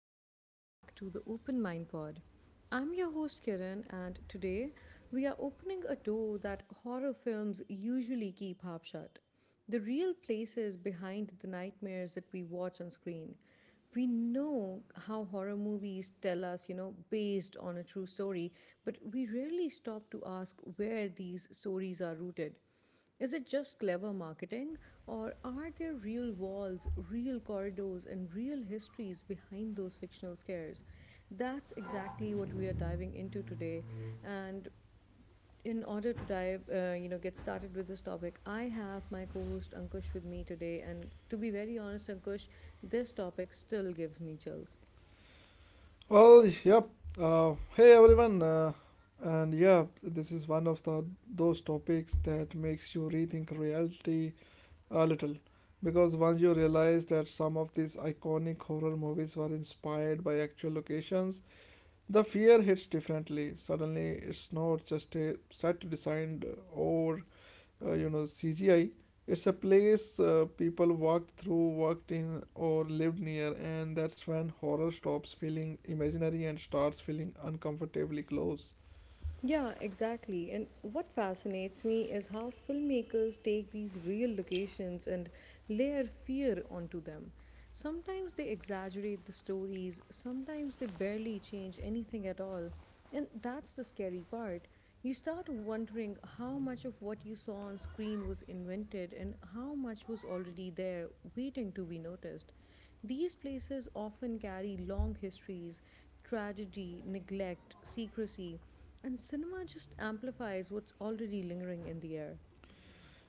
and welcome back to the Open Mind Pod. I'm your host Kiran, and today we are opening a door that horror films usually keep half shut, the real places behind the nightmares that we watch on screen. We know how horror movies tell us, you know, based on a true story, but we rarely stop to ask where these stories are rooted. Is it just clever marketing, or are there real walls, real corridors, and real histories behind those fictional scares? That's exactly what we are diving into today. And in order to dive, get started with this topic, I have my co-host Ankush with me today. And to be very honest, Ankush, this topic still gives me chills. Well, yep. Hey everyone, this is one of the those topics that makes you rethink reality a little, because once you realize that some of these iconic horror movies were inspired by actual locations, the fear hits differently. Suddenly, it's not just a set design or CGI. It's a place people walked through, worked in, or lived near, and that's when horror stops feeling imaginary and starts feeling uncomfortably close. Yeah, exactly. And what fascinates me is how filmmakers take these real locations and layer fear onto them. Sometimes they exaggerate the stories, sometimes they barely change anything at all. And that's the scary part. You start wondering how much of what you saw on screen was invented and how much was already there waiting to be noticed. These places often carry long histories, tragedy, neglect, secrecy. And cinema just amplifies what's already lingering in the air.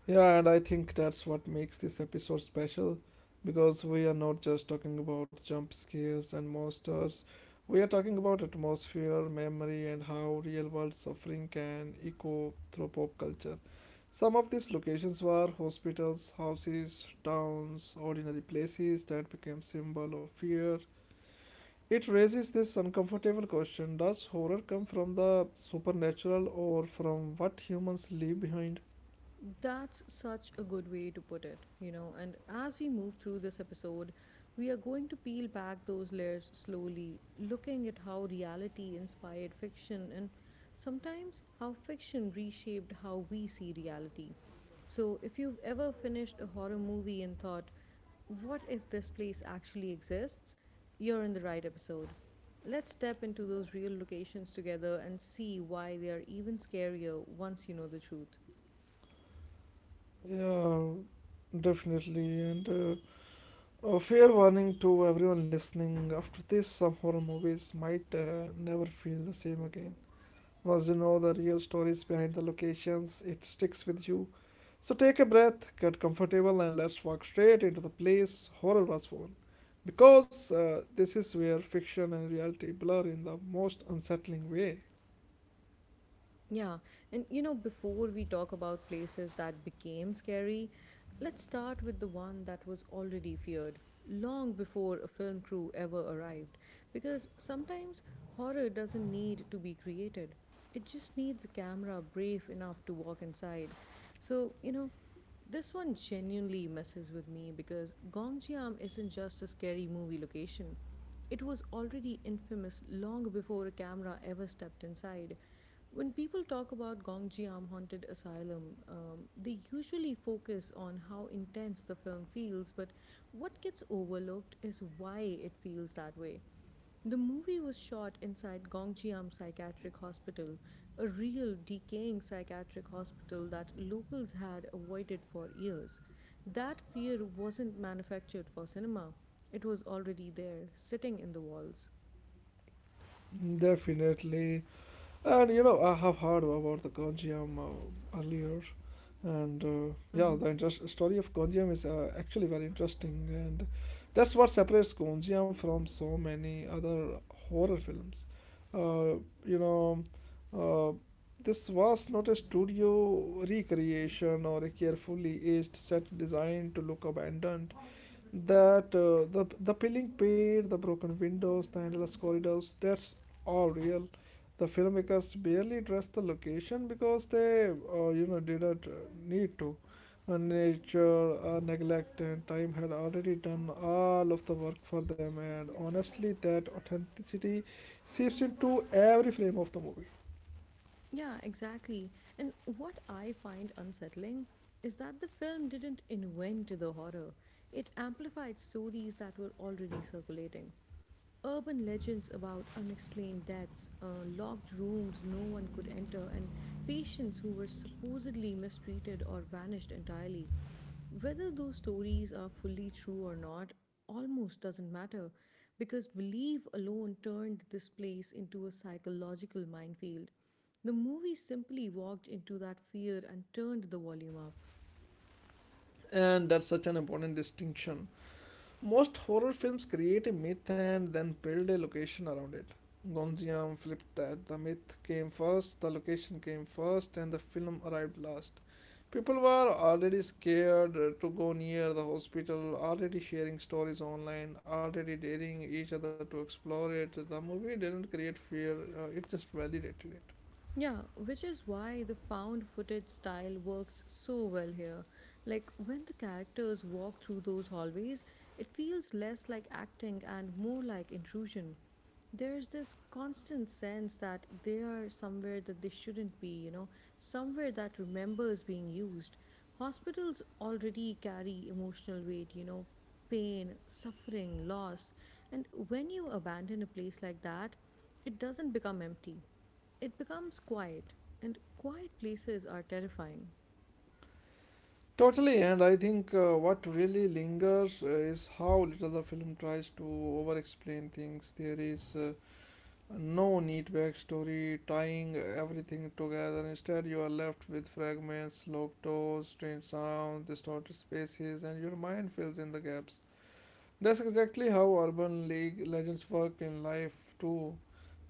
Yeah, and I think that's what makes this episode special because we are not just talking about jump scares and monsters, we are talking about atmosphere, memory, and how real world suffering can echo through pop culture. Some of these locations were hospitals, houses, towns, ordinary places that became symbol of fear. It raises this uncomfortable question, does horror come from the supernatural or from what humans leave behind? That's such a good way to put it, you know. And as we move through this episode, we are going to peel back those layers slowly, looking at how reality inspired fiction and sometimes how fiction reshaped how we see reality. So, if you've ever finished a horror movie and thought, what if this place actually exists? You're in the right episode. Let's step into those real locations together and see why they are even scarier once you know the truth. Yeah, definitely. And a fair warning to everyone listening after this, some horror movies might never feel the same again. Once you know the real stories behind the locations, it sticks with you. So take a breath, get comfortable, and let's walk straight into the place horror was born. Because this is where fiction and reality blur in the most unsettling way. Yeah. And you know, before we talk about places that became scary, let's start with the one that was already feared long before a film crew ever arrived. Because sometimes horror doesn't need to be created, it just needs a camera brave enough to walk inside. So, you know. This one genuinely messes with me because Gongjiam isn't just a scary movie location. It was already infamous long before a camera ever stepped inside. When people talk about Gongjiam Haunted Asylum, they usually focus on how intense the film feels, but what gets overlooked is why it feels that way. The movie was shot inside Gongjiam Psychiatric Hospital, a real decaying psychiatric hospital that locals had avoided for years. That fear wasn't manufactured for cinema, it was already there, sitting in the walls. Definitely. And you know, I have heard about the Ganjiam earlier, and yeah, Mm-hmm. the interest, story of Ganjiam is actually very interesting, and that's what separates Ganjiam from so many other horror films. Uh, you know, uh, this was not a studio recreation or a carefully aged set designed to look abandoned. That the peeling paint, the broken windows, the endless corridors, that's all real. The filmmakers barely dressed the location because they didn't need to. Nature, neglect, and time had already done all of the work for them. And honestly, that authenticity seeps into every frame of the movie, Yeah, exactly. And what I find unsettling is that the film didn't invent the horror. It amplified stories that were already circulating. Urban legends about unexplained deaths, locked rooms no one could enter, and patients who were supposedly mistreated or vanished entirely. Whether those stories are fully true or not almost doesn't matter because belief alone turned this place into a psychological minefield. The movie simply walked into that fear and turned the volume up. and that's such an important distinction. Most horror films create a myth and then build a location around it. Gonziam flipped that. The myth came first, the location came first, and the film arrived last. People were already scared to go near the hospital, already sharing stories online, already daring each other to explore it. The movie didn't create fear, it just validated it. Yeah, which is why the found footage style works so well here. Like when the characters walk through those hallways, it feels less like acting and more like intrusion. There's this constant sense that they are somewhere that they shouldn't be, you know, somewhere that remembers being used. Hospitals already carry emotional weight, you know, pain, suffering, loss. And when you abandon a place like that, it doesn't become empty, it becomes quiet, and quiet places are terrifying. Totally, and I think what really lingers is how little the film tries to over explain things. There is No neat backstory tying everything together. Instead, you are left with fragments, locked doors, strange sounds, distorted spaces, and your mind fills in the gaps. That's exactly how urban league legends work in life, too.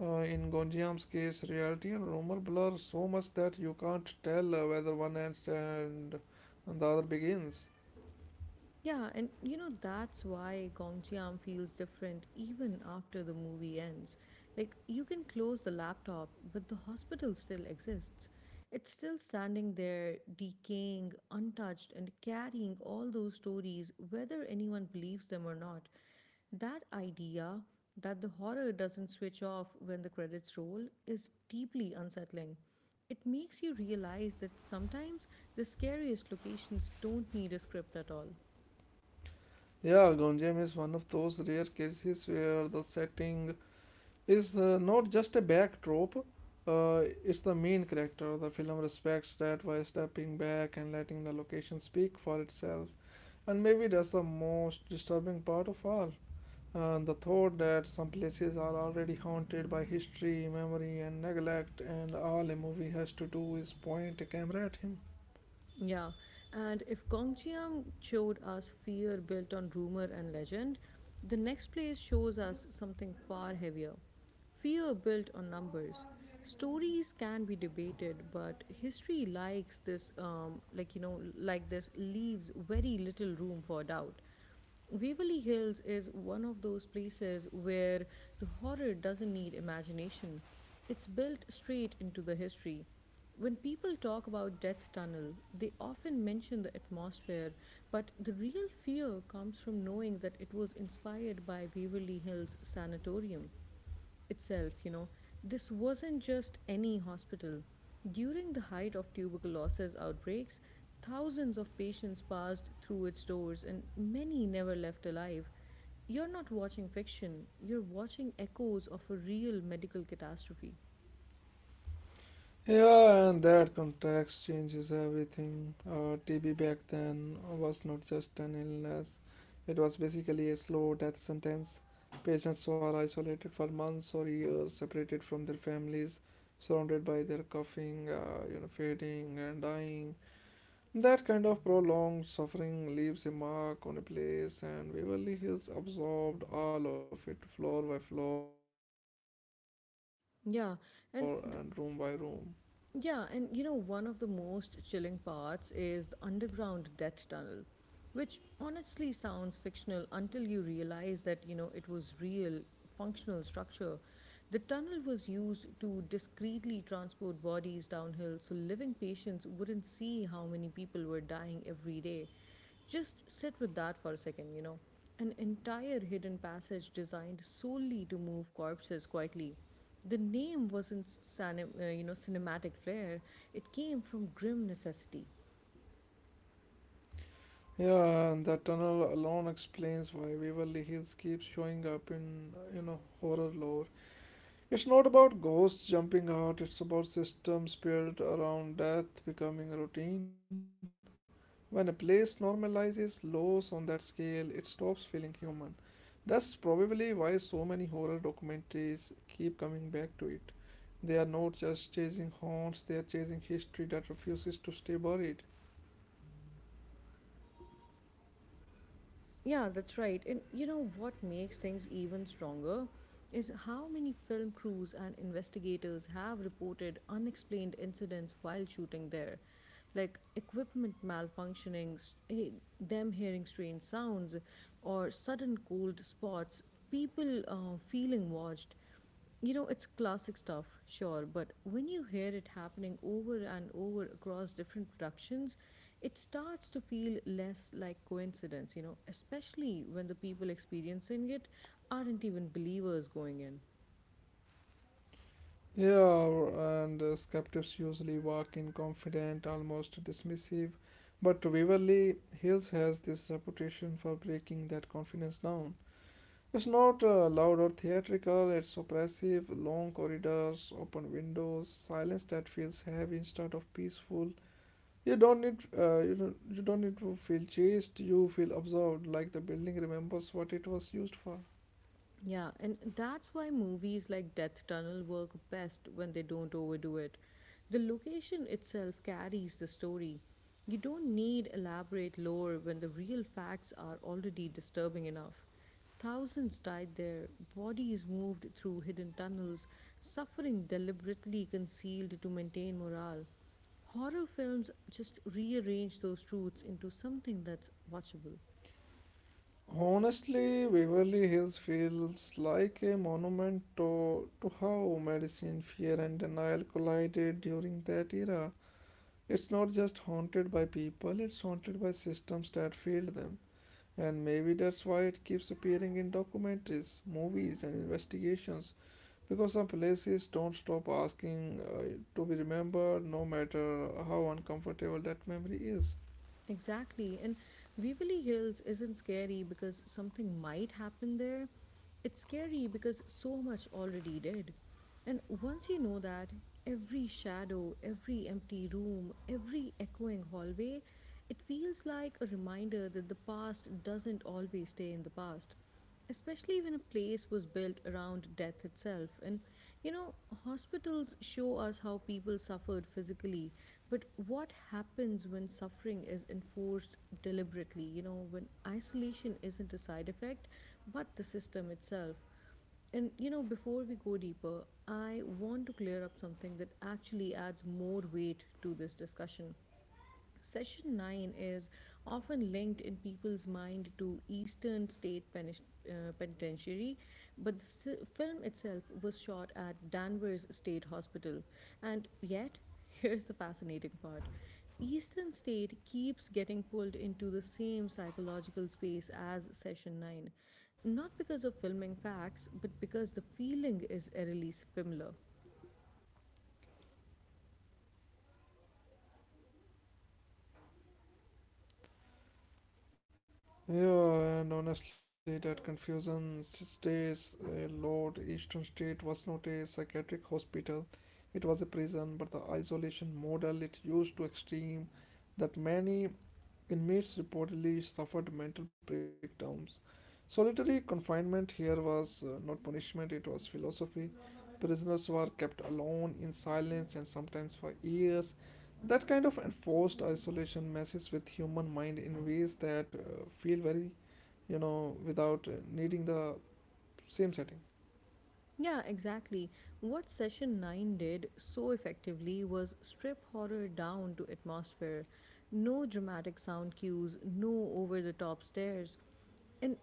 In Gonjiam's case, reality and rumor blur so much that you can't tell whether one ends and the other begins. Yeah, and you know, that's why Gong Chiam feels different even after the movie ends. Like, you can close the laptop, but the hospital still exists. It's still standing there, decaying, untouched, and carrying all those stories, whether anyone believes them or not. That idea, that the horror doesn't switch off when the credits roll, is deeply unsettling. It makes you realize that sometimes the scariest locations don't need a script at all. Yeah, Gonjiam is one of those rare cases where the setting is not just a backdrop. It's the main character. The film respects that by stepping back and letting the location speak for itself. And maybe that's the most disturbing part of all. The thought that some places are already haunted by history, memory, and neglect, and all a movie has to do is point a camera at him. Yeah, and if Gongjiang showed us fear built on rumor and legend, the next place shows us something far heavier, fear built on numbers. Stories can be debated, but history likes this, this leaves very little room for doubt. Waverly Hills is one of those places where the horror doesn't need imagination. It's built straight into the history. When people talk about Death Tunnel, they often mention the atmosphere, but the real fear comes from knowing that it was inspired by Waverly Hills Sanatorium itself, you know. This wasn't just any hospital. During the height of tuberculosis outbreaks, thousands of patients passed through its doors and many never left alive. You're not watching fiction, you're watching echoes of a real medical catastrophe. Yeah, and that context changes everything. TB back then was not just an illness, it was basically a slow death sentence. Patients were isolated for months or years, separated from their families, surrounded by their coughing, fading, and dying. That kind of prolonged suffering leaves a mark on a place, and Waverly Hills absorbed all of it, floor by floor and room by room. Yeah, and the Yeah, and you know, one of the most chilling parts is the underground debt tunnel, which honestly sounds fictional until you realize that, you know, it was real functional structure. The tunnel was used to discreetly transport bodies downhill so living patients wouldn't see how many people were dying every day. Just sit with that for a second, you know. An entire hidden passage designed solely to move corpses quietly. The name wasn't you know, cinematic flair; it came from grim necessity. Yeah, and that tunnel alone explains why Waverly Hills keeps showing up in you know horror lore. It's not about ghosts jumping out, it's about systems built around death becoming routine. When a place normalizes loss on that scale, it stops feeling human. That's probably why so many horror documentaries keep coming back to it. They are not just chasing haunts, they are chasing history that refuses to stay buried. Yeah, that's right. And you know what makes things even stronger is how many film crews and investigators have reported unexplained incidents while shooting there, like equipment malfunctioning, them hearing strange sounds, or sudden cold spots, people feeling watched, you know, it's classic stuff, sure, but when you hear it happening over and over across different productions, it starts to feel less like coincidence, you know, especially when the people experiencing it aren't even believers going in. Yeah, and skeptics usually walk in confident, almost dismissive. But Waverly Hills has this reputation for breaking that confidence down. It's not loud or theatrical, it's oppressive, long corridors, open windows, silence that feels heavy instead of peaceful. You don't need to feel chased, you feel observed, like the building remembers what it was used for. Yeah, and that's why movies like Death Tunnel work best when they don't overdo it. The location itself carries the story. You don't need elaborate lore when the real facts are already disturbing enough. Thousands died there, bodies moved through hidden tunnels, suffering deliberately concealed to maintain morale. Horror films just rearrange those truths into something that's watchable. Honestly, Waverly Hills feels like a monument to how medicine, fear, and denial collided during that era. It's not just haunted by people, it's haunted by systems that failed them. And maybe that's why it keeps appearing in documentaries, movies, and investigations. Because some places don't stop asking to be remembered, no matter how uncomfortable that memory is. Exactly. And Waverly Hills isn't scary because something might happen there. It's scary because so much already did. And once you know that, every shadow, every empty room, every echoing hallway, it feels like a reminder that the past doesn't always stay in the past, especially when a place was built around death itself. And you know, hospitals show us how people suffered physically, but what happens when suffering is enforced deliberately? You know, when isolation isn't a side effect, but the system itself. And you know, before we go deeper, I want to clear up something that actually adds more weight to this discussion. Session 9 is often linked in people's mind to Eastern State Penitentiary, but the film itself was shot at Danvers State Hospital. And yet, here's the fascinating part, Eastern State keeps getting pulled into the same psychological space as Session 9, not because of filming facts, but because the feeling is eerily similar. Yeah, and honestly, that confusion stays. A Lord Eastern State was not a psychiatric hospital, it was a prison, but the isolation model it used to extreme that many inmates reportedly suffered mental breakdowns. Solitary confinement here was not punishment, it was philosophy. Prisoners were kept alone in silence and sometimes for years. That kind of enforced isolation messes with human mind in ways that feel very, you know, without needing the same setting. Yeah, exactly. What Session 9 did so effectively was strip horror down to atmosphere. No dramatic sound cues, no over the top stares, and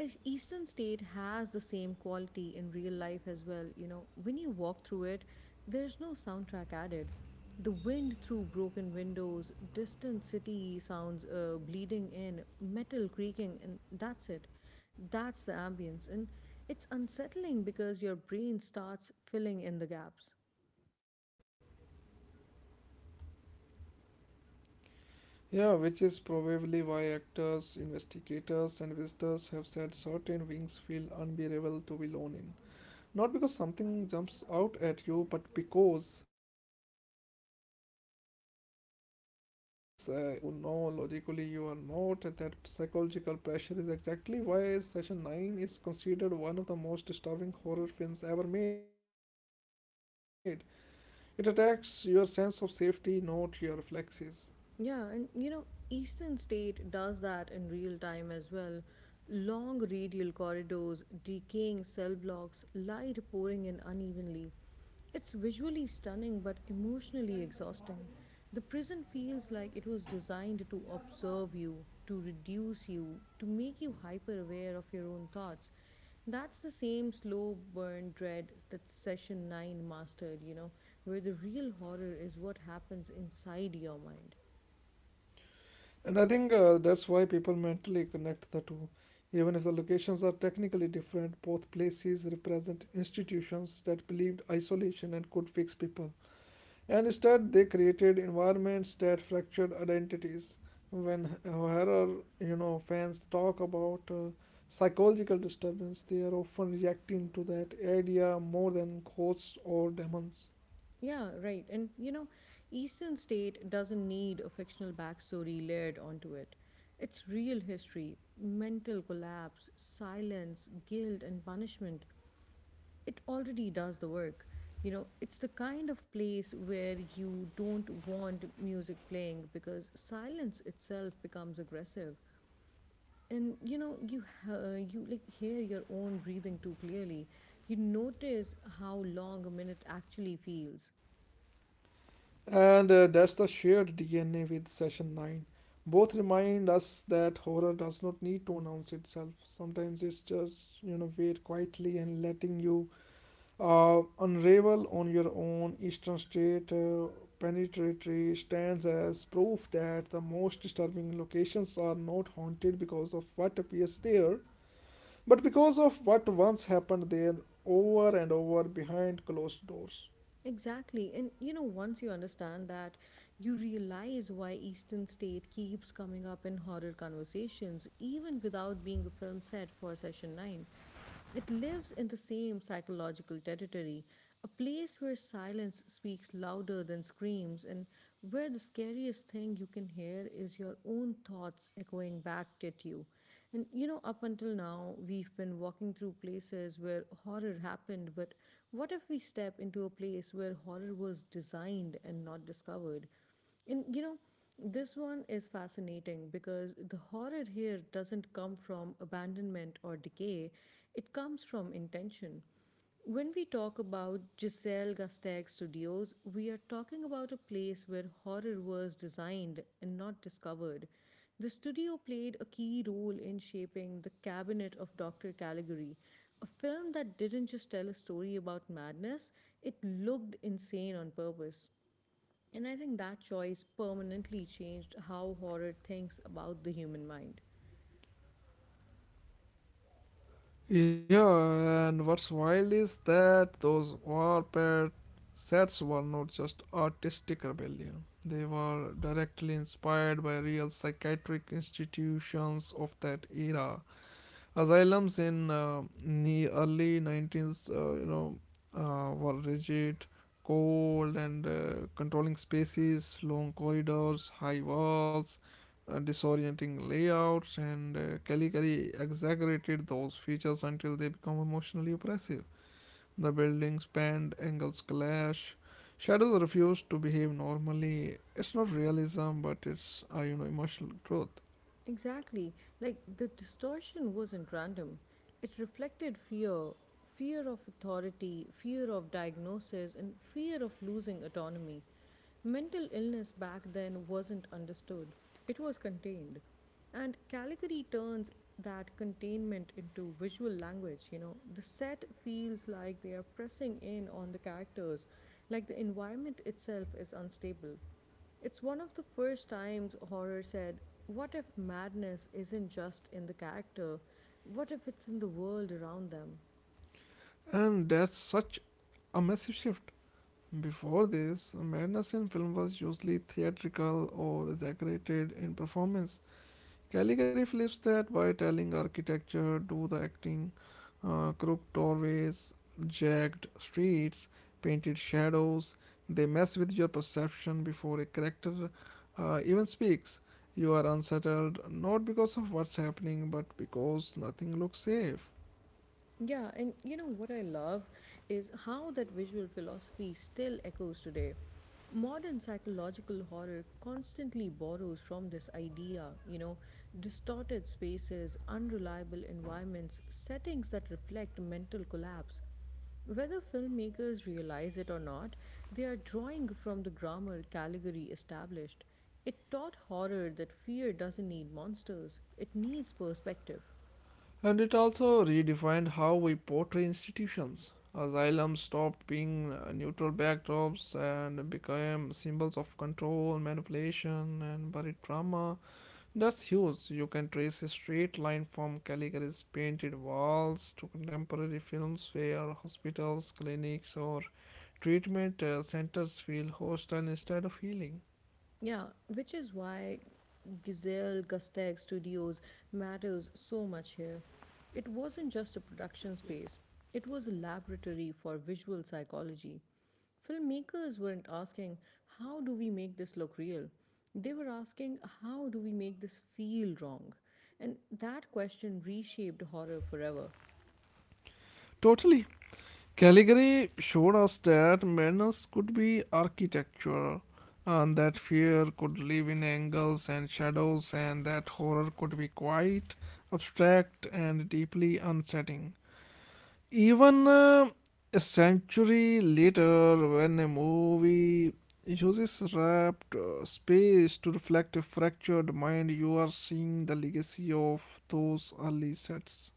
a Eastern state has the same quality in real life as well. You know, when you walk through it, there's no soundtrack added. The wind through broken windows, distant city sounds bleeding in, metal creaking, and that's it. That's the ambience. And it's unsettling because your brain starts filling in the gaps. Yeah, which is probably why actors, investigators, and visitors have said certain wings feel unbearable to be alone in. Not because something jumps out at you, but because something presses on you. You start feeling washed, even though you know logically you are not. And that psychological pressure is exactly why Session 9 is considered one of the most disturbing horror films ever made. It attacks your sense of safety, not your reflexes. Yeah, and you know, Eastern State does that in real time as well. Long radial corridors, decaying cell blocks, light pouring in unevenly. It's visually stunning but emotionally exhausting. The prison feels like it was designed to observe you, to reduce you, to make you hyper aware of your own thoughts. That's the same slow burn dread that session 9 mastered, you know, where the real horror is what happens inside your mind. And I think that's why people mentally connect the two. Even if the locations are technically different, both places represent institutions that believed isolation and could fix people. And instead, they created environments that fractured identities. When horror fans talk about psychological disturbance, they are often reacting to that idea more than ghosts or demons. Yeah, right. And you know, Eastern State doesn't need a fictional backstory layered onto it. It's real history, mental collapse, silence, guilt, and punishment. It already does the work. You know, it's the kind of place where you don't want music playing because silence itself becomes aggressive. And you know, you like hear your own breathing too clearly. You notice how long a minute actually feels. And that's the shared DNA with session 9. Both remind us that horror does not need to announce itself. Sometimes it's just, you know, wait quietly and letting you unravel on your own. Eastern State Penitentiary stands as proof that the most disturbing locations are not haunted because of what appears there, but because of what once happened there over and over behind closed doors. Exactly. And you know, once you understand that, you realize why Eastern State keeps coming up in horror conversations, even without being a film set for session 9. It lives in the same psychological territory, a place where silence speaks louder than screams, and where the scariest thing you can hear is your own thoughts echoing back at you. And you know, up until now, we've been walking through places where horror happened, but what if we step into a place where horror was designed and not discovered? And you know, this one is fascinating because the horror here doesn't come from abandonment or decay, it comes from intention. When we talk about Giselle Gasteg Studios, we are talking about a place where horror was designed and not discovered. The studio played a key role in shaping The Cabinet of Dr. Caligari, a film that didn't just tell a story about madness, it looked insane on purpose. And I think that choice permanently changed how horror thinks about the human mind. Yeah, and what's wild is that those warped sets were not just artistic rebellion. They were directly inspired by real psychiatric institutions of that era. Asylums in the early 19th, were rigid, cold, and controlling spaces, long corridors, high walls, disorienting layouts, and Caligari exaggerated those features until they become emotionally oppressive. The buildings bend, angles clash. Shadows refuse to behave normally. It's not realism, but it's emotional truth, Exactly. Like the distortion wasn't random. It reflected fear, fear of authority, fear of diagnosis, and fear of losing autonomy. Mental illness back then wasn't understood, it was contained. And Caligari turns that containment into visual language, you know. The set feels like they are pressing in on the characters, like the environment itself is unstable. It's one of the first times horror said, what if madness isn't just in the character? What if it's in the world around them? and that's such a massive shift. Before this, madness in film was usually theatrical or exaggerated in performance. Caligari flips that by telling architecture, do the acting, crooked doorways, jagged streets, painted shadows. They mess with your perception before a character even speaks. You are unsettled not because of what's happening, but because nothing looks safe. Yeah, and you know what I love is how that visual philosophy still echoes today. Modern psychological horror constantly borrows from this idea, you know, distorted spaces, unreliable environments, settings that reflect mental collapse. Whether filmmakers realize it or not, they are drawing from the grammar Caligari established. It taught horror that fear doesn't need monsters, it needs perspective. And it also redefined how we portray institutions. Asylums stopped being neutral backdrops and became symbols of control, manipulation, and buried trauma. That's huge. You can trace a straight line from Calgary's painted walls to contemporary films where hospitals, clinics, or treatment centers feel hostile instead of healing. Yeah, which is why Gazelle Gusteg Studios matters so much here. It wasn't just a production space, it was a laboratory for visual psychology. Filmmakers weren't asking, how do we make this look real? They were asking, how do we make this feel wrong? And that question reshaped horror forever. Totally. Caligari showed us that madness could be architecture, and that fear could live in angles and shadows, and that horror could be quite abstract and deeply unsettling. Even a century later, when a movie uses wrapped space to reflect a fractured mind, you are seeing the legacy of those early sets.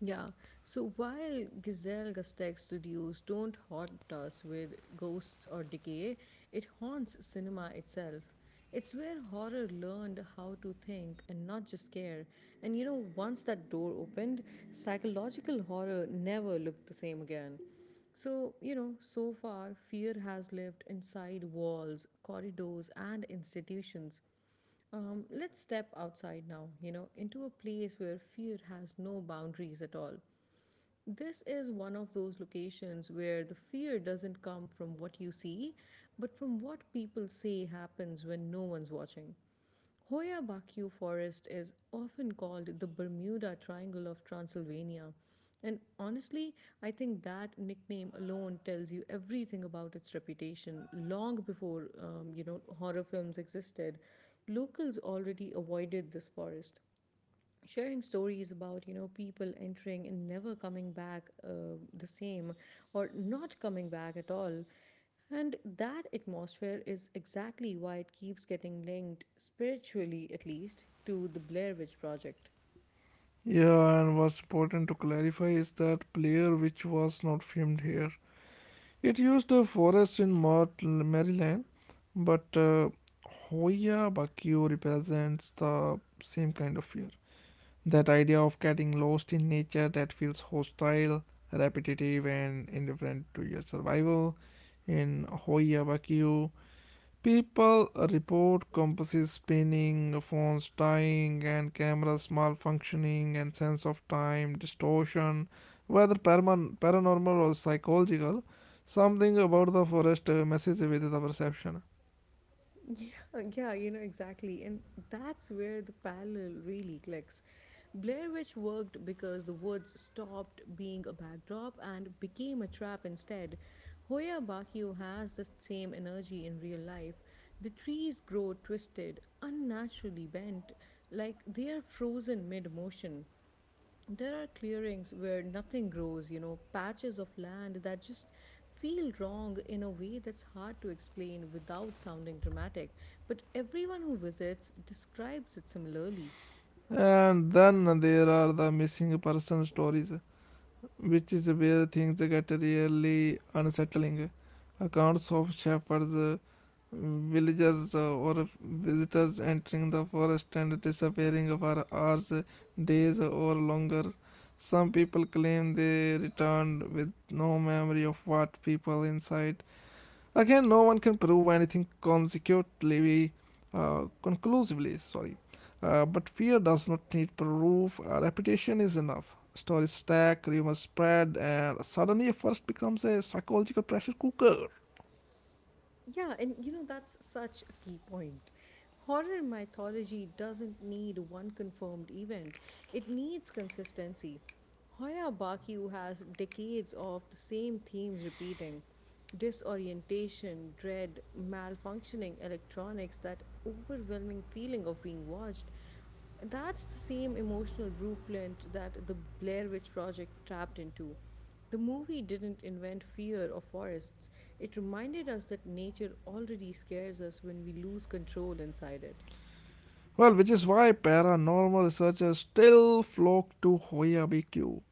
Yeah. So while Gazelle Gustek's studios don't haunt us with ghosts or decay, it haunts cinema itself. It's where horror learned how to think and not just scare. And you know, once that door opened, psychological horror never looked the same again. So, you know, so far, fear has lived inside walls, corridors, and institutions. Let's step outside now, you know, into a place where fear has no boundaries at all. This is one of those locations where the fear doesn't come from what you see, but from what people say happens when no one's watching. Hoya Bakyu Forest is often called the Bermuda Triangle of Transylvania. And honestly, I think that nickname alone tells you everything about its reputation. Long before, you know, horror films existed, locals already avoided this forest, sharing stories about, you know, people entering and never coming back, the same, or not coming back at all. And that atmosphere is exactly why it keeps getting linked, spiritually at least, to the Blair Witch Project. Yeah, and what's important to clarify is that Player, which was not filmed here, it used a forest in Maryland, but Hoya Bakio represents the same kind of fear. That idea of getting lost in nature that feels hostile, repetitive, and indifferent to your survival. In Hoya Bakio, people report compasses spinning, phones dying, and cameras malfunctioning, and sense of time distortion, whether paranormal or psychological. Something about the forest messes with the perception. Yeah, yeah, you know, exactly. And that's where the parallel really clicks. Blair Witch worked because the woods stopped being a backdrop and became a trap instead. Hoya Bakio has the same energy in real life. The trees grow twisted, unnaturally bent, like they are frozen mid motion. There are clearings where nothing grows, you know, patches of land that just feel wrong in a way that's hard to explain without sounding dramatic. But everyone who visits describes it similarly. And then there are the missing person stories, which is where things get really unsettling. Accounts of shepherds villagers or visitors entering the forest and disappearing for hours, days, or longer. Some people claim they returned with no memory of what people inside. Again, no one can prove anything conclusively. Sorry, but fear does not need proof. A reputation is enough. Stories stack, rumors spread, and suddenly a forest becomes a psychological pressure cooker. Yeah, and you know, that's such a key point. Horror mythology doesn't need one confirmed event, it needs consistency. Hoya Bakyu has decades of the same themes repeating: disorientation, dread, malfunctioning electronics, that overwhelming feeling of being watched. That's the same emotional blueprint that the Blair Witch Project tapped into. The movie didn't invent fear of forests, it reminded us that nature already scares us when we lose control inside it. Well, which is why paranormal researchers still flock to Hoya BQ.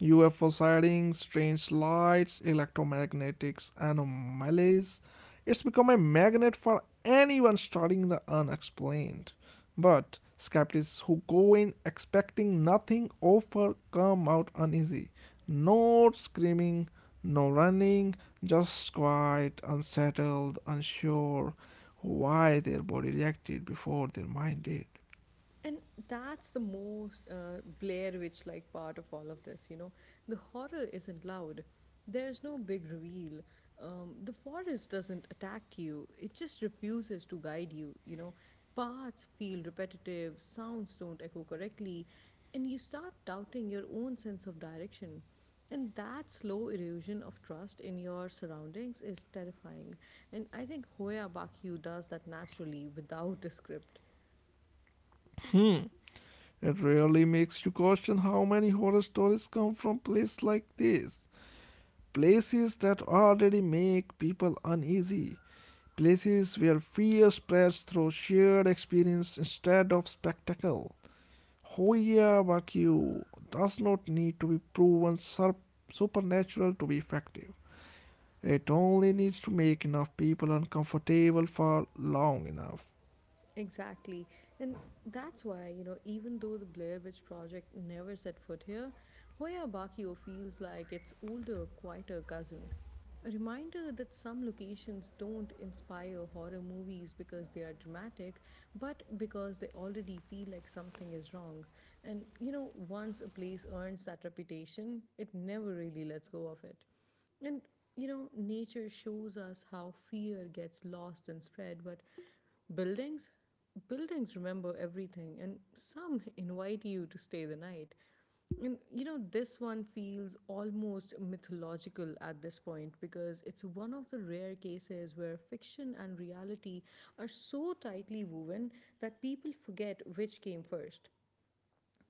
UFO sightings, strange lights, electromagnetic anomalies. It's become a magnet for anyone studying the unexplained. But skeptics who go in expecting nothing often come out uneasy. No screaming, no running, just quiet, unsettled, unsure, why their body reacted before their mind did. And that's the most Blair Witch like part of all of this, you know. The horror isn't loud, there's no big reveal. The forest doesn't attack you, it just refuses to guide you, you know. Paths feel repetitive, sounds don't echo correctly, and you start doubting your own sense of direction. And that slow erosion of trust in your surroundings is terrifying. And I think Hoya Bakyu does that naturally without a script. It really makes you question how many horror stories come from places like this. Places that already make people uneasy. Places where fear spreads through shared experience instead of spectacle. Hoya Bakyu does not need to be proven supernatural to be effective. It only needs to make enough people uncomfortable for long enough. Exactly. And that's why, you know, even though the Blair Witch Project never set foot here, Hoya Bakio feels like its older, quieter cousin. A reminder that some locations don't inspire horror movies because they are dramatic, but because they already feel like something is wrong. And, you know, once a place earns that reputation, it never really lets go of it. And you know, nature shows us how fear gets lost and spread, but buildings? Buildings remember everything, and some invite you to stay the night. And you know, this one feels almost mythological at this point because it's one of the rare cases where fiction and reality are so tightly woven that people forget which came first.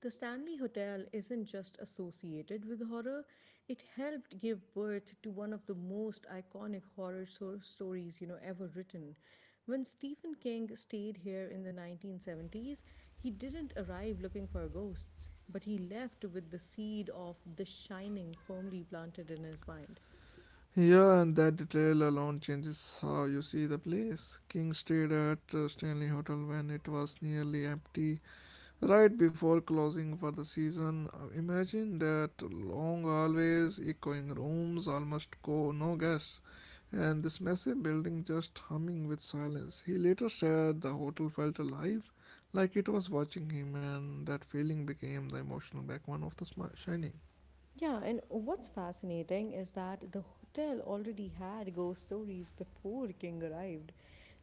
The Stanley Hotel isn't just associated with horror, it helped give birth to one of the most iconic horror so- stories, you know, ever written. When Stephen King stayed here in the 1970s, he didn't arrive looking for ghosts, but he left with the seed of The Shining firmly planted in his mind. Yeah, and that detail alone changes how you see the place. King stayed at Stanley Hotel when it was nearly empty, right before closing for the season. Imagine that long hallways, echoing rooms, almost go no guests, and this massive building just humming with silence. He later said the hotel felt alive, like it was watching him, and that feeling became the emotional backbone of the Shining. Yeah, and what's fascinating is that the hotel already had ghost stories before King arrived.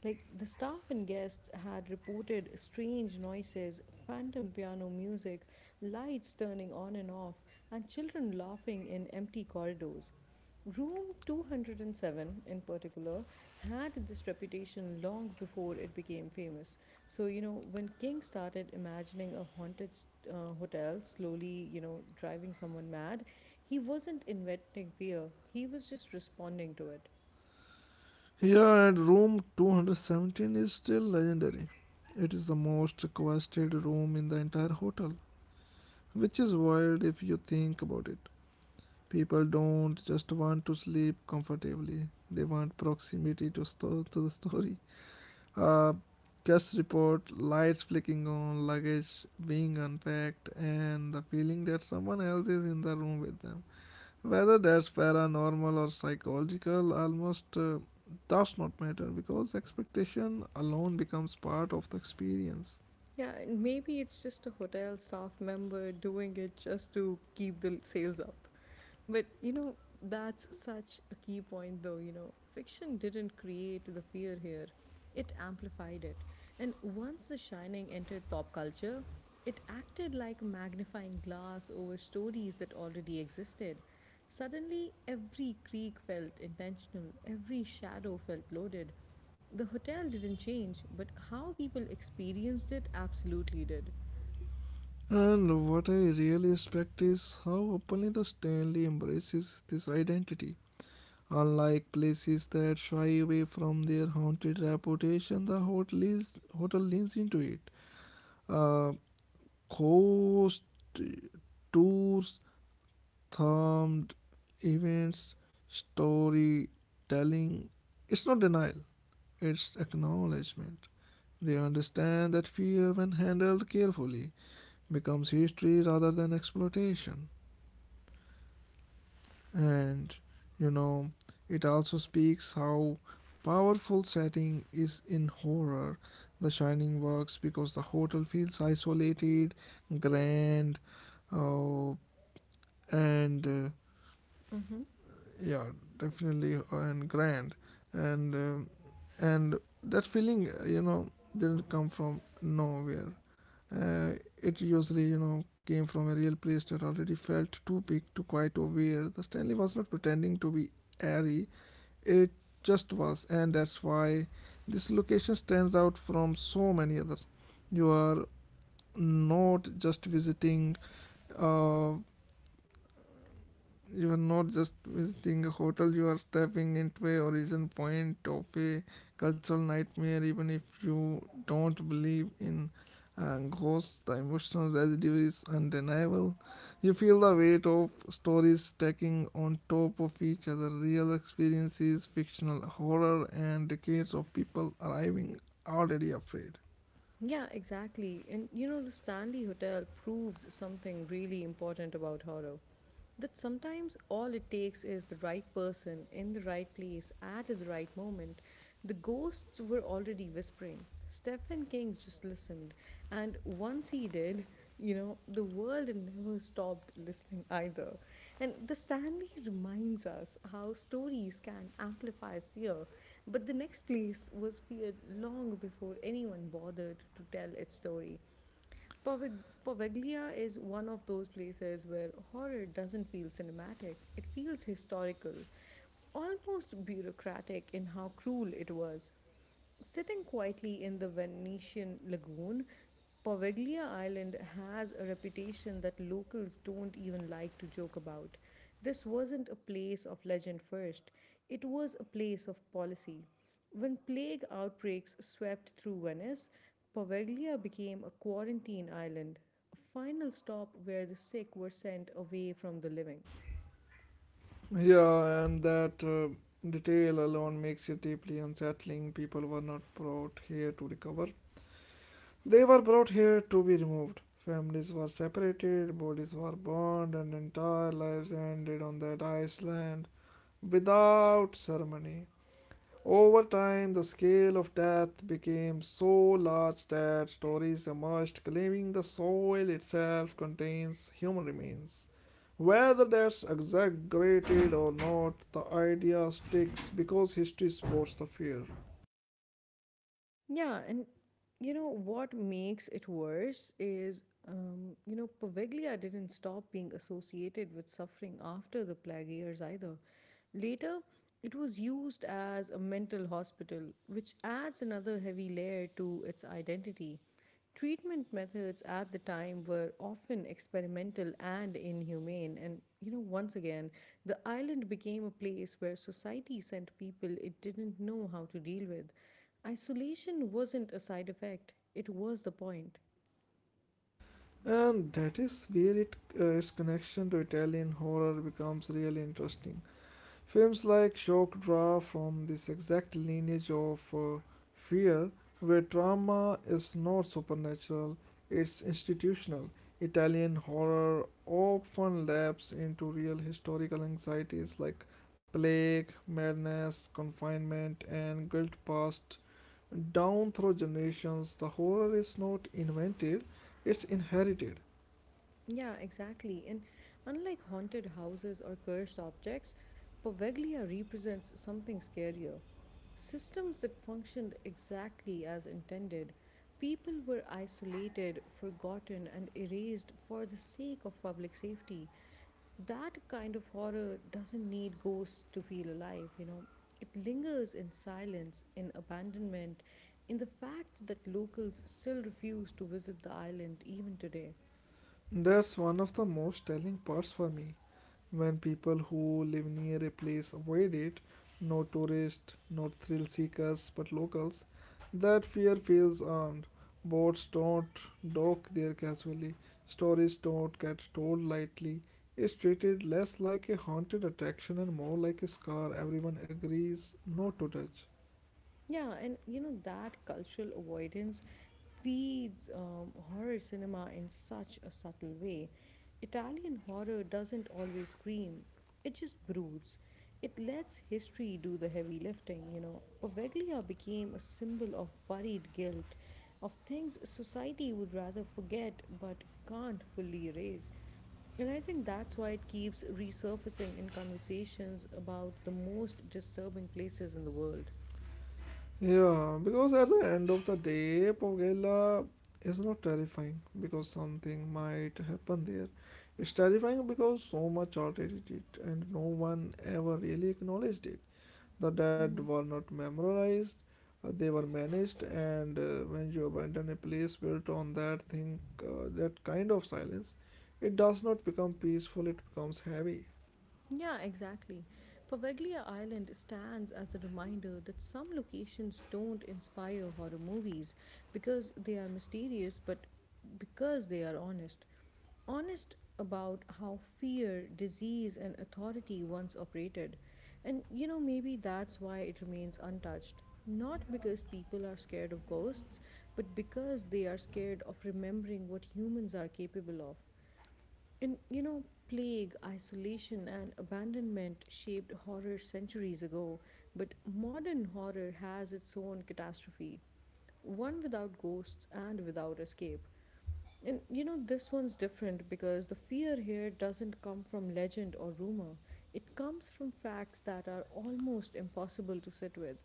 Like, the staff and guests had reported strange noises, phantom piano music, lights turning on and off, and children laughing in empty corridors. Room 207, in particular, had this reputation long before it became famous. So, you know, when King started imagining a haunted hotel slowly, you know, driving someone mad, he wasn't inventing fear, he was just responding to it. Here at room 217 is still legendary. It is the most requested room in the entire hotel, which is wild if you think about it. People don't just want to sleep comfortably, they want proximity to, to the story. Uh, Guest report, lights flicking on, luggage being unpacked, and the feeling that someone else is in the room with them. Whether that's paranormal or psychological almost does not matter because expectation alone becomes part of the experience. Yeah, and maybe it's just a hotel staff member doing it just to keep the sales up. But, you know, that's such a key point, though. You know, fiction didn't create the fear here, it amplified it. And once The Shining entered pop culture, it acted like a magnifying glass over stories that already existed. Suddenly, every creak felt intentional, every shadow felt loaded. The hotel didn't change, but how people experienced it absolutely did. And what I really respect is how openly the Stanley embraces this identity. Unlike places that shy away from their haunted reputation, hotel leans into it. Uh, Ghost tours, themed events, storytelling. It's not denial, it's acknowledgement. They understand that fear, when handled carefully, becomes history rather than exploitation. And, you know, it also speaks how powerful setting is in horror. The Shining works because the hotel feels isolated, grand, uh, and Mm-hmm. yeah definitely and grand and and that feeling you know didn't come from nowhere, uh, it usually you know came from a real place that already felt too big, too quiet to aware. The Stanley was not pretending to be airy, it just was, and that's why this location stands out from so many others. you are not just visiting uh, you are not just visiting a hotel, you are stepping into a origin point of a cultural nightmare. Even if you don't believe in ghosts, the emotional residue is undeniable. You feel the weight of stories stacking on top of each other, real experiences, fictional horror, and decades of people arriving already afraid. Yeah, exactly. And you know, the Stanley Hotel proves something really important about horror, that sometimes all it takes is the right person in the right place at the right moment. The ghosts were already whispering. Stephen King just listened. And once he did, you know, the world never stopped listening either. And the Stanley reminds us how stories can amplify fear, but the next place was feared long before anyone bothered to tell its story. Poveg- Poveglia is one of those places where horror doesn't feel cinematic, it feels historical, almost bureaucratic in how cruel it was. Sitting quietly in the Venetian lagoon, Poveglia Island has a reputation that locals don't even like to joke about. This wasn't a place of legend first, it was a place of policy. When plague outbreaks swept through Venice, Poveglia became a quarantine island, a final stop where the sick were sent away from the living. Yeah, and that detail alone makes it deeply unsettling. People were not brought here to recover. They were brought here to be removed. Families were separated, bodies were burned, and entire lives ended on that island without ceremony. Over time, the scale of death became so large that stories emerged claiming the soil itself contains human remains. Whether that's exaggerated or not, the idea sticks because history supports the fear. Yeah, and you know what makes it worse is, you know, Poveglia didn't stop being associated with suffering after the plague years either. Later, it was used as a mental hospital, which adds another heavy layer to its identity. Treatment methods at the time were often experimental and inhumane, and you know, once again the island became a place where society sent people it didn't know how to deal with. Isolation wasn't a side effect, it was the point. And that is where its connection to Italian horror becomes really interesting. Films like Shock draw from this exact lineage of fear, where trauma is not supernatural, it's institutional. Italian horror often laps into real historical anxieties like plague, madness, confinement, and guilt passed down through generations. The horror is not invented, it's inherited. Yeah, exactly. And unlike haunted houses or cursed objects, Poveglia represents something scarier. Systems that functioned exactly as intended. People were isolated, forgotten, and erased for the sake of public safety. That kind of horror doesn't need ghosts to feel alive, you know. It lingers in silence, in abandonment, in the fact that locals still refuse to visit the island even today. That's one of the most telling parts for me. When people who live near a place avoid it, no tourists, no thrill seekers, but locals, that fear feels earned. Boats don't dock there casually, stories don't get told lightly. It's treated less like a haunted attraction and more like a scar everyone agrees not to touch. Yeah, and you know that cultural avoidance feeds horror cinema in such a subtle way. Italian horror doesn't always scream, it just broods. It lets history do the heavy lifting, you know. Poveglia became a symbol of buried guilt, of things society would rather forget but can't fully erase. And I think that's why it keeps resurfacing in conversations about the most disturbing places in the world. Yeah, because at the end of the day, Pogela is not terrifying because something might happen there. It's terrifying because so much art edited it and no one ever really acknowledged it. The dead were not memorized, they were managed, and when you abandon a place built on that thing, that kind of silence, it does not become peaceful, it becomes heavy. Yeah, exactly. Pavaglia Island stands as a reminder that some locations don't inspire horror movies because they are mysterious, but because they are honest. Honest about how fear, disease, and authority once operated. And you know, maybe that's why it remains untouched. Not because people are scared of ghosts, but because they are scared of remembering what humans are capable of. And you know, plague, isolation, and abandonment shaped horror centuries ago, but modern horror has its own catastrophe, one without ghosts and without escape. And you know, this one's different because the fear here doesn't come from legend or rumor, it comes from facts that are almost impossible to sit with.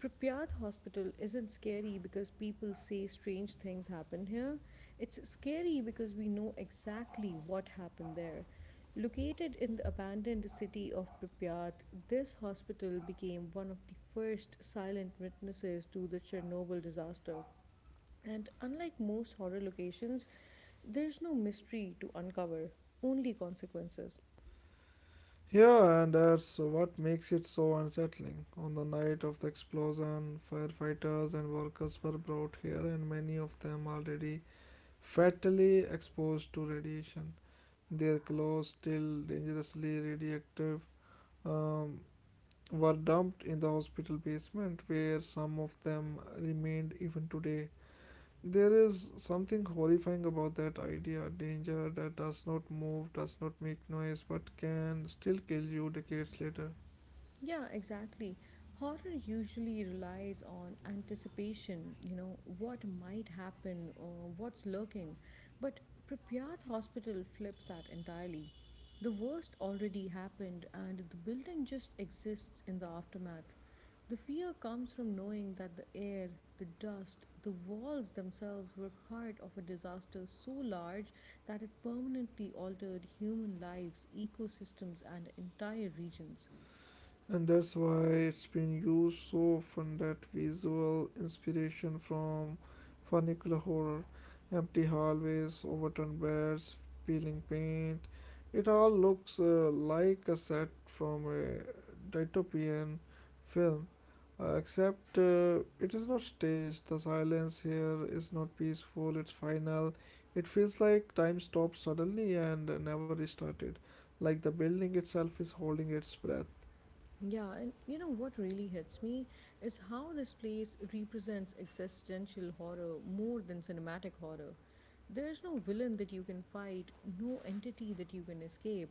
Pripyat Hospital isn't scary because people say strange things happen here. It's scary because we know exactly what happened there. Located in the abandoned city of Pripyat, this hospital became one of the first silent witnesses to the Chernobyl disaster. And unlike most horror locations, there's no mystery to uncover, only consequences. Yeah, and that's what makes it so unsettling. On the night of the explosion, firefighters and workers were brought here, and many of them already fatally exposed to radiation. Their clothes, still dangerously radioactive, um, were dumped in the hospital basement, where some of them remained even today. There is something horrifying about that idea, danger that does not move, does not make noise, but can still kill you decades later. Yeah, exactly. Horror usually relies on anticipation, you know, what might happen or what's lurking. But Pripyat Hospital flips that entirely. The worst already happened, and the building just exists in the aftermath. The fear comes from knowing that the air, the dust, the walls themselves were part of a disaster so large that it permanently altered human lives, ecosystems, and entire regions. And that's why it's been used so often, that visual inspiration from funicular horror, empty hallways, overturned beds, peeling paint, it all looks like a set from a dystopian film, except it is not staged. The silence here is not peaceful, it's final. It feels like time stopped suddenly and never restarted, like the building itself is holding its breath. Yeah, and you know what really hits me is how this place represents existential horror more than cinematic horror. There's no villain that you can fight, no entity that you can escape.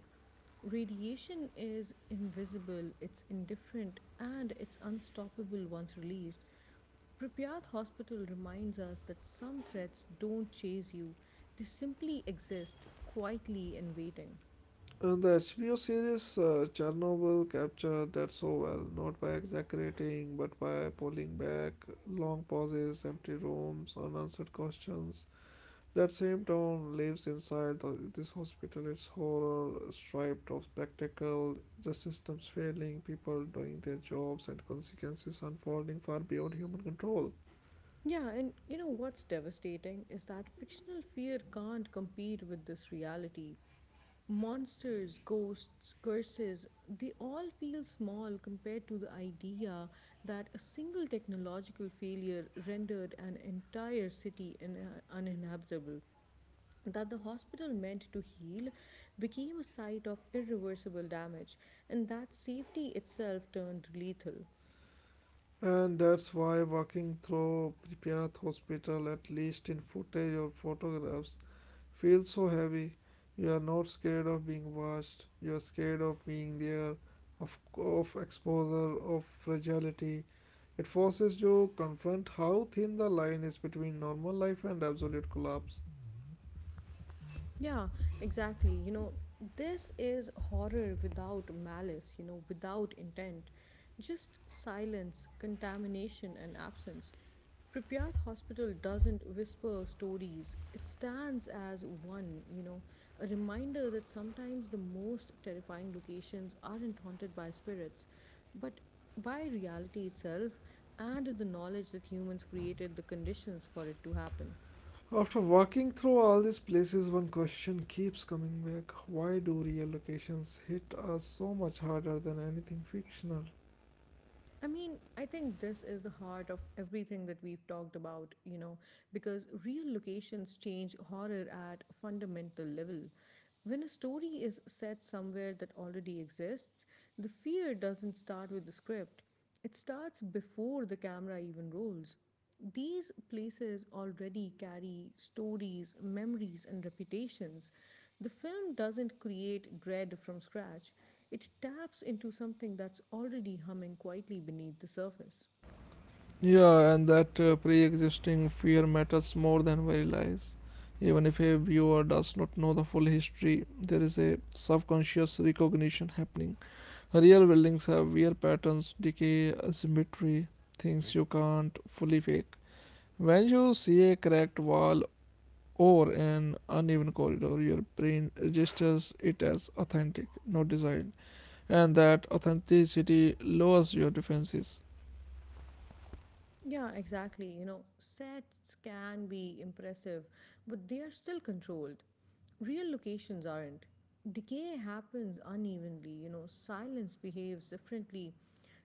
Radiation is invisible, it's indifferent, and it's unstoppable once released. Pripyat Hospital reminds us that some threats don't chase you, they simply exist quietly and waiting. And the HBO series Chernobyl captured that so well, not by exaggerating, but by pulling back, long pauses, empty rooms, unanswered questions. That same town lives inside this hospital. It's horror stripped of spectacle, the systems failing, people doing their jobs, and consequences unfolding far beyond human control. Yeah, and you know what's devastating is that fictional fear can't compete with this reality. Monsters, ghosts, curses, they all feel small compared to the idea that a single technological failure rendered an entire city uninhabitable. That the hospital meant to heal became a site of irreversible damage, and that safety itself turned lethal. And that's why walking through Pripyat hospital, at least in footage or photographs, feels so heavy. You are not scared of being watched, you are scared of being there, of exposure, of fragility. It forces you to confront how thin the line is between normal life and absolute collapse. Yeah, exactly. You know, this is horror without malice, you know, without intent. Just silence, contamination, and absence. Pripyat Hospital doesn't whisper stories, it stands as one, you know, a reminder that sometimes the most terrifying locations aren't haunted by spirits, but by reality itself and the knowledge that humans created the conditions for it to happen. After walking through all these places, one question keeps coming back. Why do real locations hit us so much harder than anything fictional? I mean, I think this is the heart of everything that we've talked about, you know, because real locations change horror at a fundamental level. When a story is set somewhere that already exists, the fear doesn't start with the script, it starts before the camera even rolls. These places already carry stories, memories, and reputations. The film doesn't create dread from scratch, it taps into something that's already humming quietly beneath the surface. Yeah, and that pre existing fear matters more than we realize. Even if a viewer does not know the full history, there is a subconscious recognition happening. Real buildings have weird patterns, decay, asymmetry, things you can't fully fake. When you see a cracked wall or an uneven corridor, your brain registers it as authentic, not designed, and that authenticity lowers your defenses. Yeah, exactly. You know, sets can be impressive, but they are still controlled. Real locations aren't. Decay happens unevenly, you know, silence behaves differently.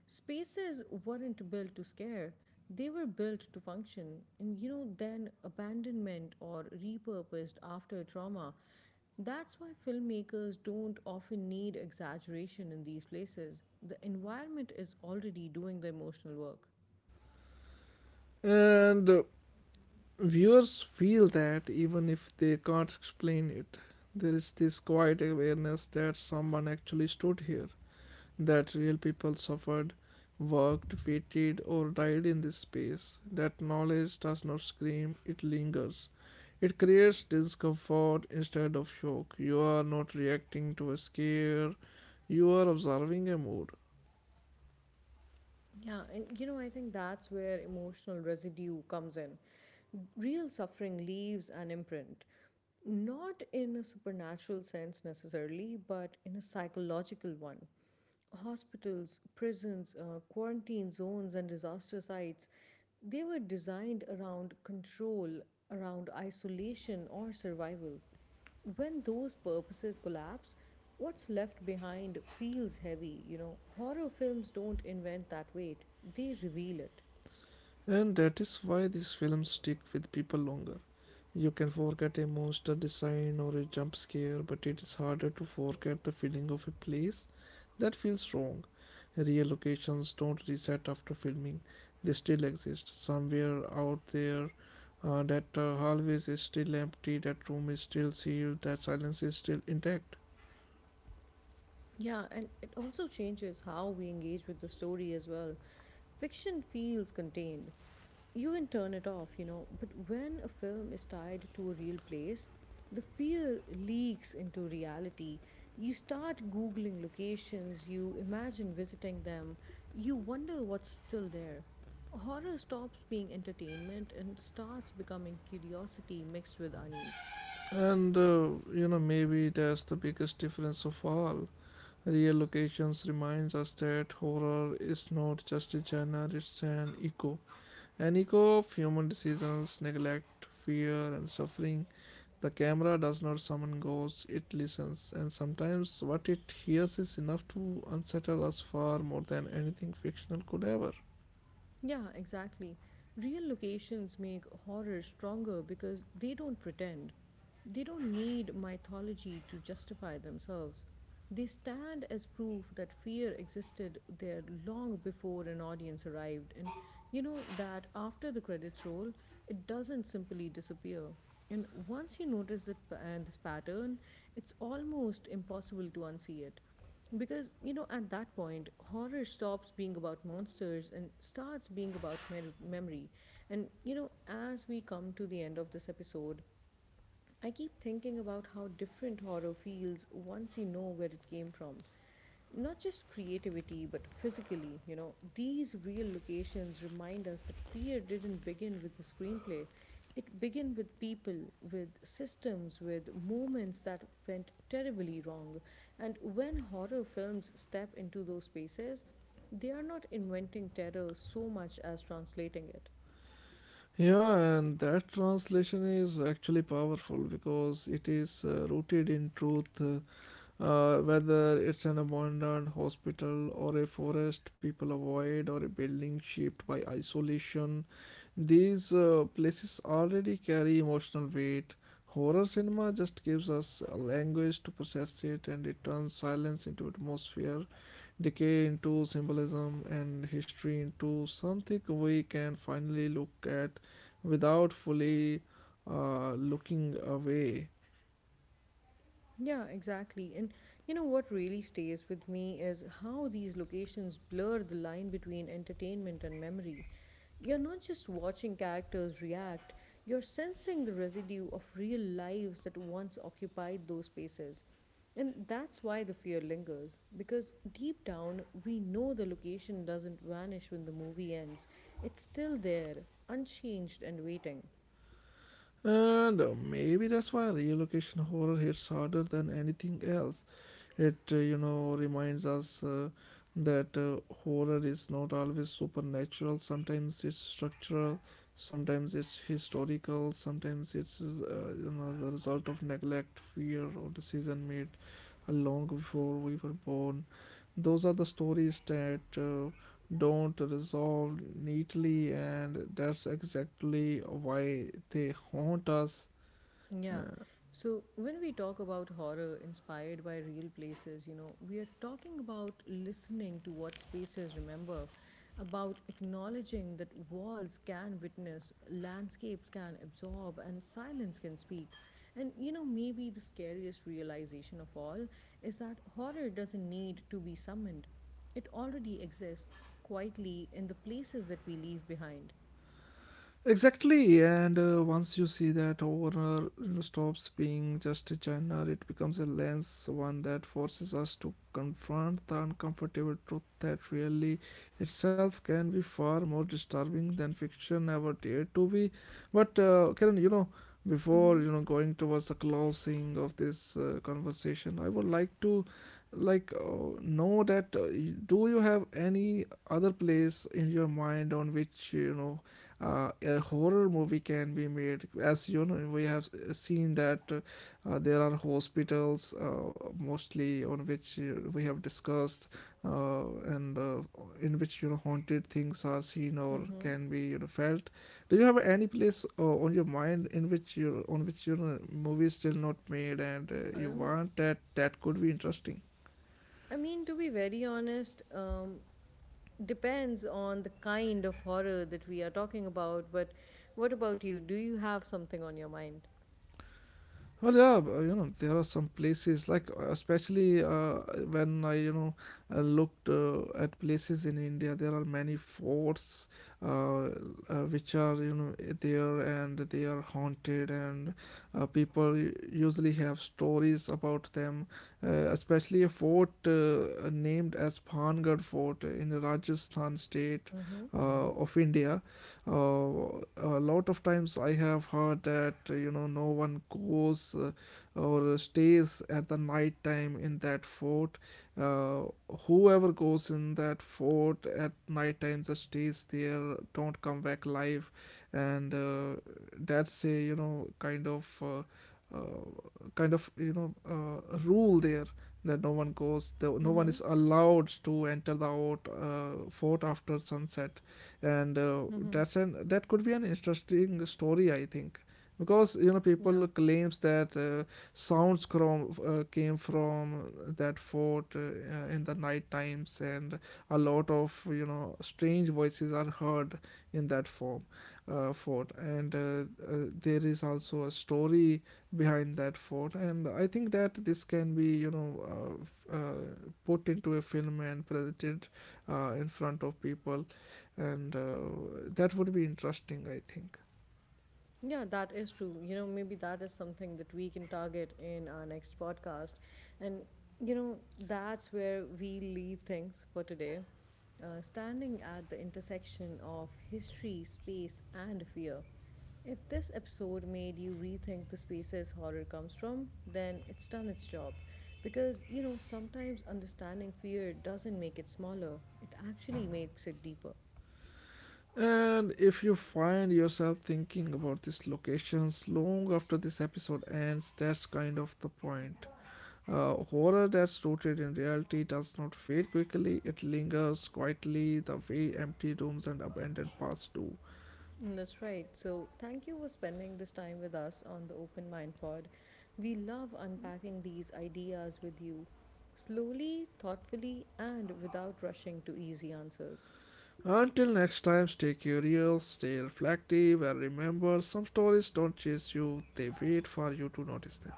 Spaces weren't built to scare, they were built to function. And, you know, then abandonment or repurposed after trauma. That's why filmmakers don't often need exaggeration in these places. The environment is already doing the emotional work. And Viewers feel that even if they can't explain it, there is this quiet awareness that someone actually stood here, that real people suffered, worked, waited, or died in this space. That knowledge does not scream, it lingers. It creates discomfort instead of shock. You are not reacting to a scare, you are observing a mood. Yeah, and you know, I think that's where emotional residue comes in. Real suffering leaves an imprint, not in a supernatural sense necessarily, but in a psychological one. Hospitals, prisons, quarantine zones, and disaster sites, they were designed around control, around isolation, or survival. When those purposes collapse, what's left behind feels heavy, you know. Horror films don't invent that weight, they reveal it. And that is why these films stick with people longer. You can forget a monster design or a jump scare, but it is harder to forget the feeling of a place that feels wrong. Real locations don't reset after filming, they still exist. Somewhere out there, that hallway is still empty, that room is still sealed, that silence is still intact. Yeah, and it also changes how we engage with the story as well. Fiction feels contained. You can turn it off, you know, but when a film is tied to a real place, the fear leaks into reality. You start Googling locations, you imagine visiting them, you wonder what's still there. Horror stops being entertainment and starts becoming curiosity mixed with unease. And You know, maybe that's the biggest difference of all. Real locations reminds us that horror is not just a genre, it's an echo. An echo of human decisions, neglect, fear, and suffering. The camera does not summon ghosts, it listens, and sometimes what it hears is enough to unsettle us far more than anything fictional could ever. Yeah, exactly. Real locations make horror stronger because they don't pretend. They don't need mythology to justify themselves. They stand as proof that fear existed there long before an audience arrived. And you know that after the credits roll, it doesn't simply disappear. And once you notice that this pattern, it's almost impossible to unsee it. Because, you know, at that point, horror stops being about monsters and starts being about memory. And, you know, as we come to the end of this episode, I keep thinking about how different horror feels once you know where it came from. Not just creativity, but physically, you know. These real locations remind us that fear didn't begin with the screenplay. It began with people, with systems, with moments that went terribly wrong. And when horror films step into those spaces, they are not inventing terror so much as translating it. Yeah, and that translation is actually powerful because it is rooted in truth. Whether it's an abandoned hospital or a forest people avoid, or a building shaped by isolation, these places already carry emotional weight. Horror cinema just gives us a language to process it, and it turns silence into atmosphere, decay into symbolism, and history into something we can finally look at without fully looking away. Yeah, exactly. And you know what really stays with me is how these locations blur the line between entertainment and memory. You're not just watching characters react, you're sensing the residue of real lives that once occupied those spaces. And that's why the fear lingers, because deep down, we know the location doesn't vanish when the movie ends. It's still there, unchanged and waiting. And Maybe that's why relocation horror hits harder than anything else. It you know, reminds us that horror is not always supernatural. Sometimes it's structural, sometimes it's historical, sometimes it's, you know, the result of neglect, fear, or decision made long before we were born. Those are the stories that don't resolve neatly, and that's exactly why they haunt us. Yeah. So when we talk about horror inspired by real places, you know, we are talking about listening to what spaces remember, about acknowledging that walls can witness, landscapes can absorb, and silence can speak. And, you know, maybe the scariest realization of all is that horror doesn't need to be summoned, it already exists quietly in the places that we leave behind. Exactly, and once you see that owner, you know, stops being just a channel, it becomes a lens, one that forces us to confront the uncomfortable truth that really itself can be far more disturbing than fiction ever dared to be. But Karen, you know, before Mm-hmm. Going towards the closing of this conversation, I would like to know that do you have any other place in your mind on which you know a horror movie can be made, as you know we have seen that there are hospitals mostly on which we have discussed, and in which you know haunted things are seen or Mm-hmm. can be you know felt. Do you have any place on your mind in which you, on which you know movie is still not made, and you Um, want that that could be interesting? I mean, to be very honest, depends on the kind of horror that we are talking about. But what about you? Do you have something on your mind? Well, you know, there are some places like especially when I, you know, I looked at places in India. There are many forts uh, uh, which are, you know, there, and they are haunted, and people usually have stories about them. Uh, Especially a fort named as Phangarh Fort in Rajasthan state Mm-hmm. Of India. A lot of times I have heard that you know no one goes or stays at the night time in that fort. Uh, Whoever goes in that fort at night time just stays there, don't come back alive, and that's a you know kind of. Kind of you know rule there, that no one goes no one Mm-hmm. is allowed to enter the fort after sunset, and Mm-hmm. That could be an interesting story I think, because you know Yeah. people claims that sounds from came from that fort in the night times, and a lot of you know strange voices are heard in that form fort, and there is also a story behind that fort, and I think that this can be you know uh, put into a film and presented in front of people, and that would be interesting I think. Yeah, that is true. You know, maybe that is something that we can target in our next podcast. And, you know, that's where we leave things for today. Standing at the intersection of history, space, and fear. If this episode made you rethink the spaces horror comes from, then it's done its job. Because, you know, sometimes understanding fear doesn't make it smaller, it actually makes it deeper. And if you find yourself thinking about these locations long after this episode ends, that's kind of the point. Horror that's rooted in reality does not fade quickly, it lingers quietly the way empty rooms and abandoned paths do. And that's right. So, thank you for spending this time with us on the Open Mind Pod. We love unpacking these ideas with you, slowly, thoughtfully, and without rushing to easy answers. Until next time, stay curious, stay reflective, and remember some stories don't chase you, they wait for you to notice them.